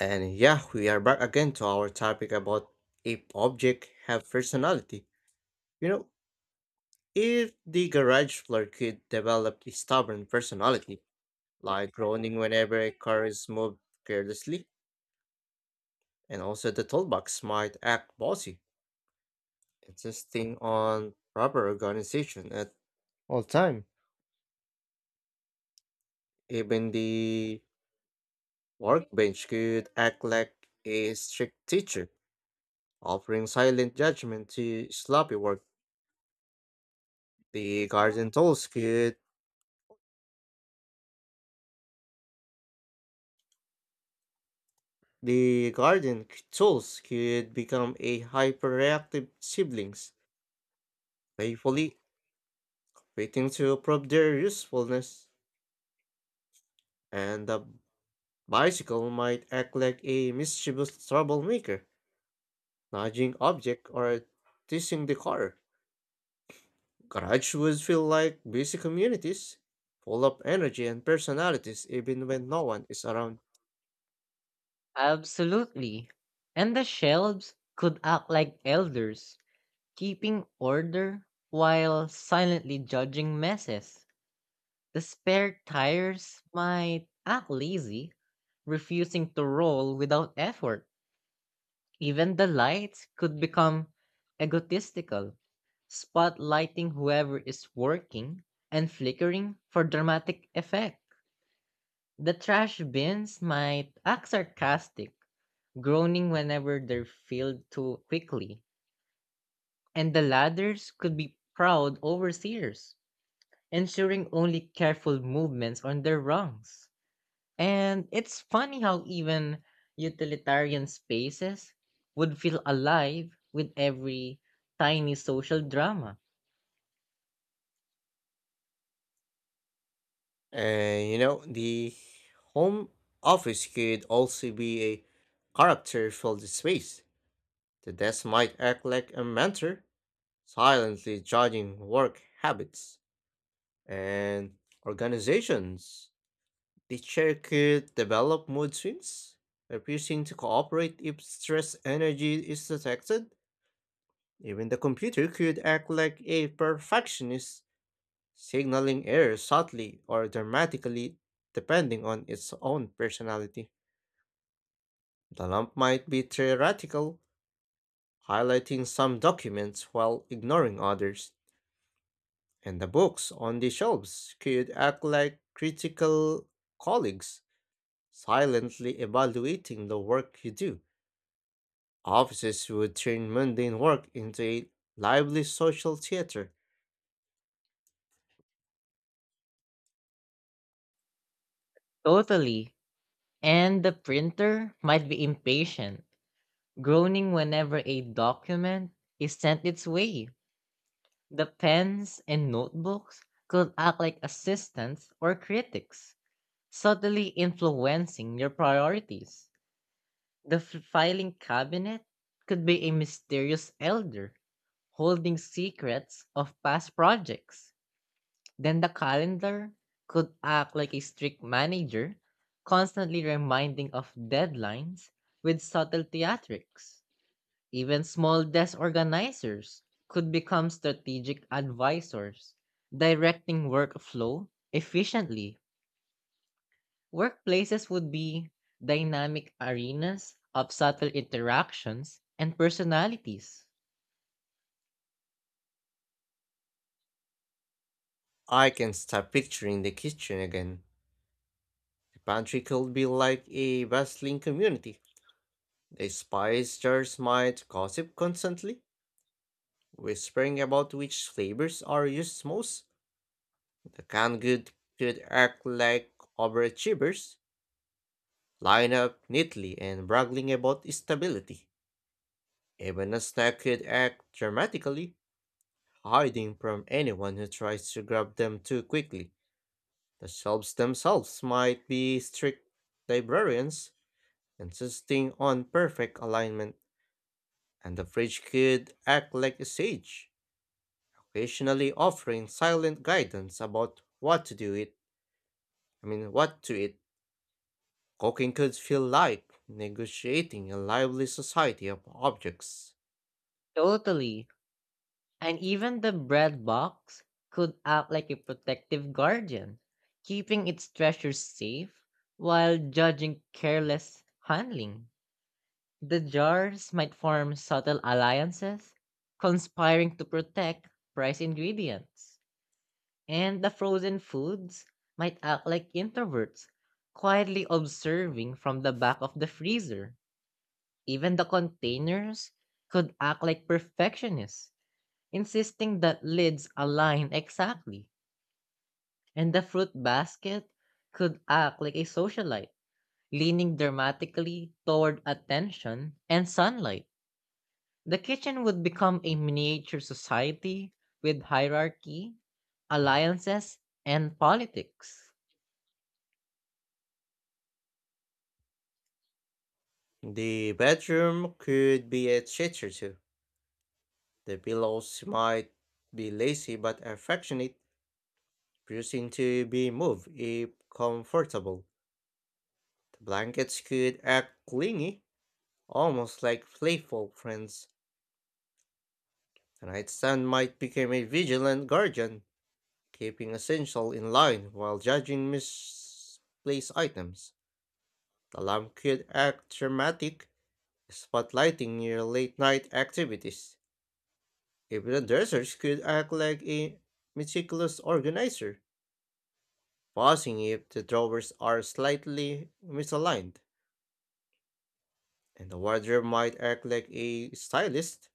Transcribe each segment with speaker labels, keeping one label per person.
Speaker 1: And yeah, we are back again to our topic about if objects have personality. You know, if the garage floor could develop a stubborn personality, like groaning whenever a car is moved carelessly, and also the toolbox might act bossy, insisting on proper organization at all time. Even the workbench could act like a strict teacher, offering silent judgment to sloppy work. The garden tools could The garden trolls could become a hyperactive siblings, playfully waiting to prove their usefulness, and the bicycle might act like a mischievous troublemaker, nudging object or teasing the car. Garage would feel like busy communities, full of energy and personalities even when no one is around.
Speaker 2: Absolutely. And the shelves could act like elders, keeping order while silently judging messes. The spare tires might act lazy, refusing to roll without effort. Even the lights could become egotistical, spotlighting whoever is working and flickering for dramatic effect. The trash bins might act sarcastic, groaning whenever they're filled too quickly, and the ladders could be proud overseers, ensuring only careful movements on their rungs. And it's funny how even utilitarian spaces would feel alive with every tiny social drama.
Speaker 1: And you know, the home office could also be a character-filled space. The desk might act like a mentor, silently judging work habits and organizations. The chair could develop mood swings, refusing to cooperate if stress energy is detected. Even the computer could act like a perfectionist, signaling errors subtly or dramatically depending on its own personality. The lamp might be theoretical, highlighting some documents while ignoring others. And the books on the shelves could act like critical colleagues, silently evaluating the work you do. Offices would turn mundane work into a lively social theater.
Speaker 2: Totally. And the printer might be impatient, groaning whenever a document is sent its way. The pens and notebooks could act like assistants or critics, subtly influencing your priorities. The filing cabinet could be a mysterious elder, holding secrets of past projects. Then the calendar could act like a strict manager, constantly reminding of deadlines with subtle theatrics. Even small desk organizers could become strategic advisors, directing workflow efficiently. Workplaces would be dynamic arenas of subtle interactions and personalities.
Speaker 1: I can start picturing the kitchen again. The pantry could be like a bustling community. The spice jars might gossip constantly, whispering about which flavors are used most. The canned good could act like overachievers line up neatly and bragging about stability. Even a snack could act dramatically, hiding from anyone who tries to grab them too quickly. The shelves themselves might be strict librarians, insisting on perfect alignment, and the fridge could act like a sage, occasionally offering silent guidance about what to do it. I mean, what to eat. Cooking could feel like negotiating a lively society of objects.
Speaker 2: Totally. And even the bread box could act like a protective guardian, keeping its treasures safe while judging careless handling. The jars might form subtle alliances, conspiring to protect prize ingredients. And the frozen foods might act like introverts, quietly observing from the back of the freezer. Even the containers could act like perfectionists, insisting that lids align exactly. And the fruit basket could act like a socialite, leaning dramatically toward attention and sunlight. The kitchen would become a miniature society with hierarchy, alliances, and politics.
Speaker 1: The bedroom could be a treasure too. The pillows might be lazy but affectionate, refusing to be moved if comfortable. The blankets could act clingy, almost like playful friends. The nightstand might become a vigilant guardian, keeping essential in line while judging misplaced items. The lamp could act dramatic, spotlighting your late night activities. Even a dressers could act like a meticulous organizer, pausing if the drawers are slightly misaligned, and the wardrobe might act like a stylist,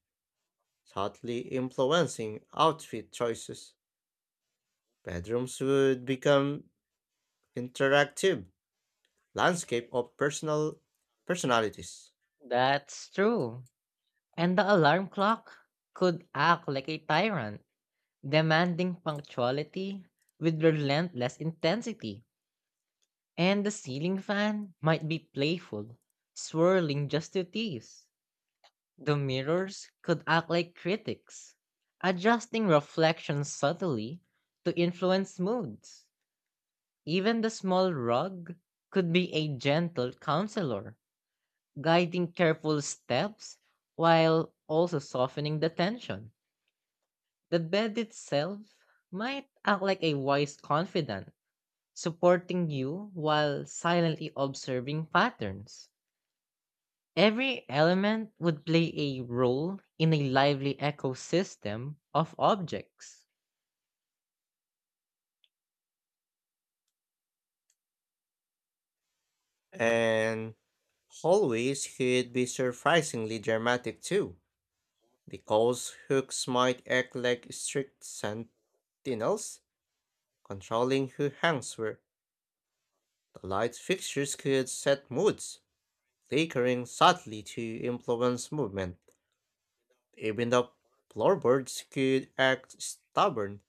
Speaker 1: subtly influencing outfit choices. Bedrooms would become interactive landscape of personal personalities,
Speaker 2: That's true. And the alarm clock could act like a tyrant, demanding punctuality with relentless intensity. And the ceiling fan might be playful, swirling just to tease. The mirrors could act like critics, adjusting reflections subtly to influence moods. Even the small rug could be a gentle counselor, guiding careful steps while also softening the tension. The bed itself might act like a wise confidant, supporting you while silently observing patterns. Every element would play a role in a lively ecosystem of objects.
Speaker 1: and hallways could be surprisingly dramatic too. Because hooks might act like strict sentinels, controlling who hangs where, the light fixtures could set moods, flickering subtly to influence movement. Even the floorboards could act stubborn,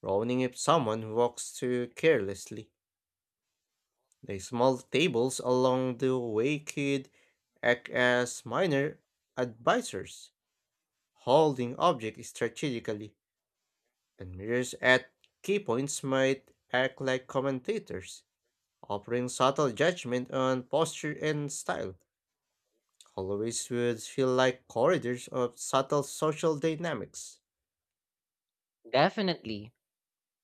Speaker 1: groaning if someone walks too carelessly. The small tables along the way could act as minor advisors, holding objects strategically, and mirrors at key points might act like commentators, offering subtle judgment on posture and style. Hallways would feel like corridors of subtle social dynamics.
Speaker 2: Definitely.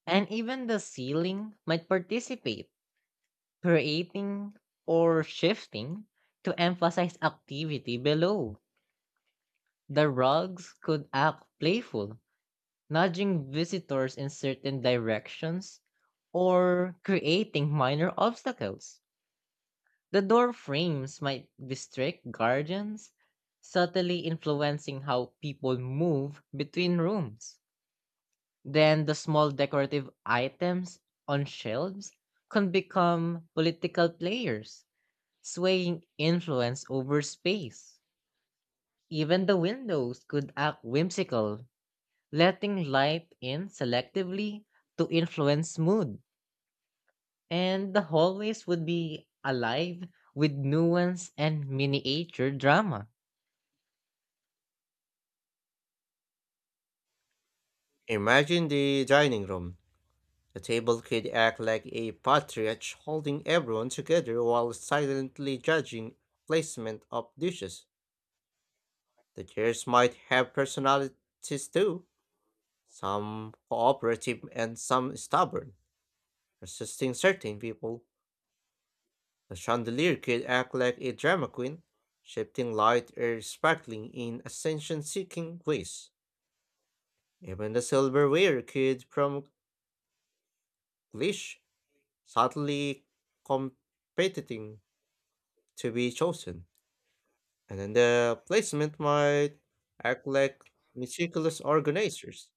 Speaker 2: And even the ceiling might participate, creating or shifting to emphasize activity below. The rugs could act playful, nudging visitors in certain directions or creating minor obstacles. The door frames might be strict guardians, subtly influencing how people move between rooms. Then the small decorative items on shelves can become political players, swaying influence over space. Even the windows could act whimsical, letting light in selectively to influence mood. And the hallways would be alive with nuance and miniature drama.
Speaker 1: Imagine the dining room. The table could act like a patriarch holding everyone together while silently judging placement of dishes. The chairs might have personalities too, some cooperative and some stubborn, resisting certain people. The chandelier could act like a drama queen, shifting light or sparkling in ascension seeking ways. Even the silverware could prompt Glish, subtly competing to be chosen. And then the placement might act like meticulous organizers,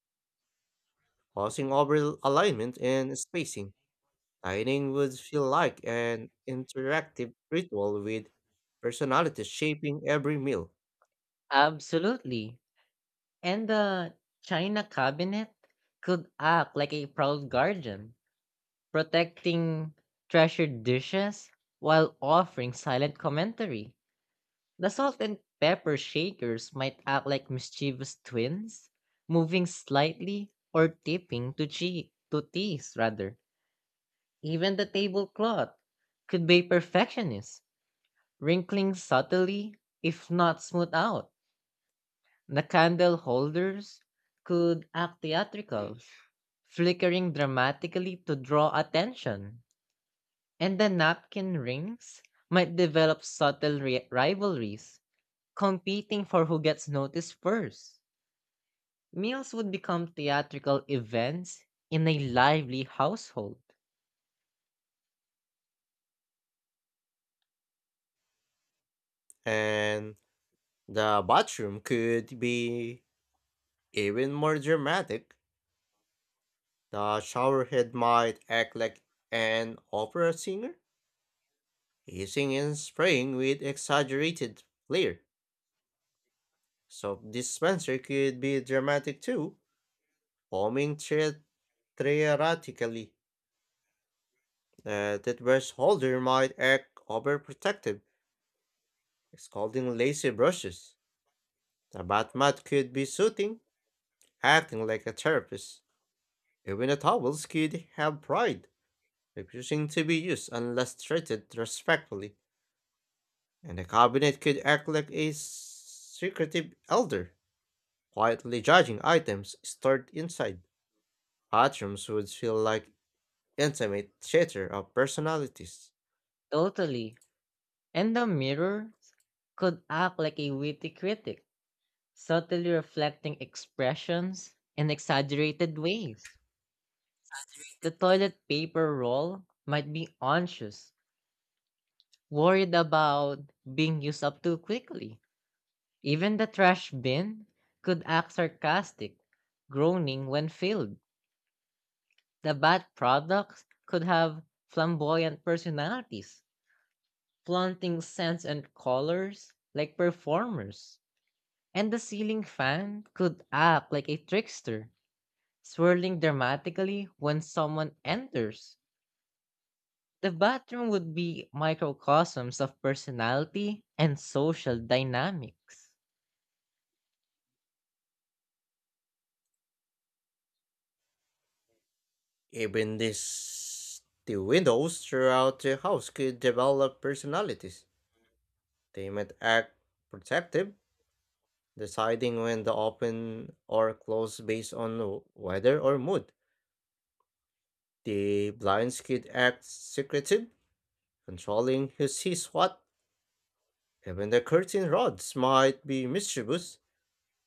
Speaker 1: pausing over alignment and spacing. Dining would feel like an interactive ritual with personalities shaping every meal.
Speaker 2: Absolutely. And the China cabinet could act like a proud guardian, protecting treasured dishes while offering silent commentary. The salt and pepper shakers might act like mischievous twins, moving slightly or tipping to cheek to tease rather. Even the tablecloth could be perfectionist, wrinkling subtly if not smoothed out. The candle holders could act theatrical, flickering dramatically to draw attention. And the napkin rings might develop subtle rivalries, competing for who gets noticed first. Meals would become theatrical events in a lively household.
Speaker 1: And the bathroom could be even more dramatic. The showerhead might act like an opera singer, hissing and spraying with exaggerated flair. Soap dispenser could be dramatic too, foaming theatrically. The toothbrush holder might act overprotective, scolding lazy brushes. The bath mat could be soothing, acting like a therapist. Even the towels could have pride refusing to be used unless treated respectfully, and the cabinet could act like a secretive elder, quietly judging items stored inside. Bathrooms would feel like intimate theater of personalities.
Speaker 2: Totally. And the mirror could act like a witty critic, subtly reflecting expressions in exaggerated ways. The toilet paper roll might be anxious, worried about being used up too quickly. Even the trash bin could act sarcastic, groaning when filled. The bad products could have flamboyant personalities, flaunting scents and colors like performers, and the ceiling fan could act like a trickster, swirling dramatically when someone enters. The bathroom would be microcosms of personality and social dynamics.
Speaker 1: Even this, the windows throughout the house could develop personalities. They might act protective, deciding when to open or close based on weather or mood. The blinds could act secretive, controlling who sees what. Even the curtain rods might be mischievous,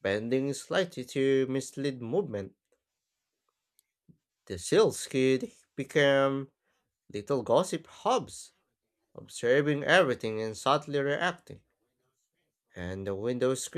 Speaker 1: bending slightly to mislead movement. The seals could become little gossip hubs, observing everything and subtly reacting. And the window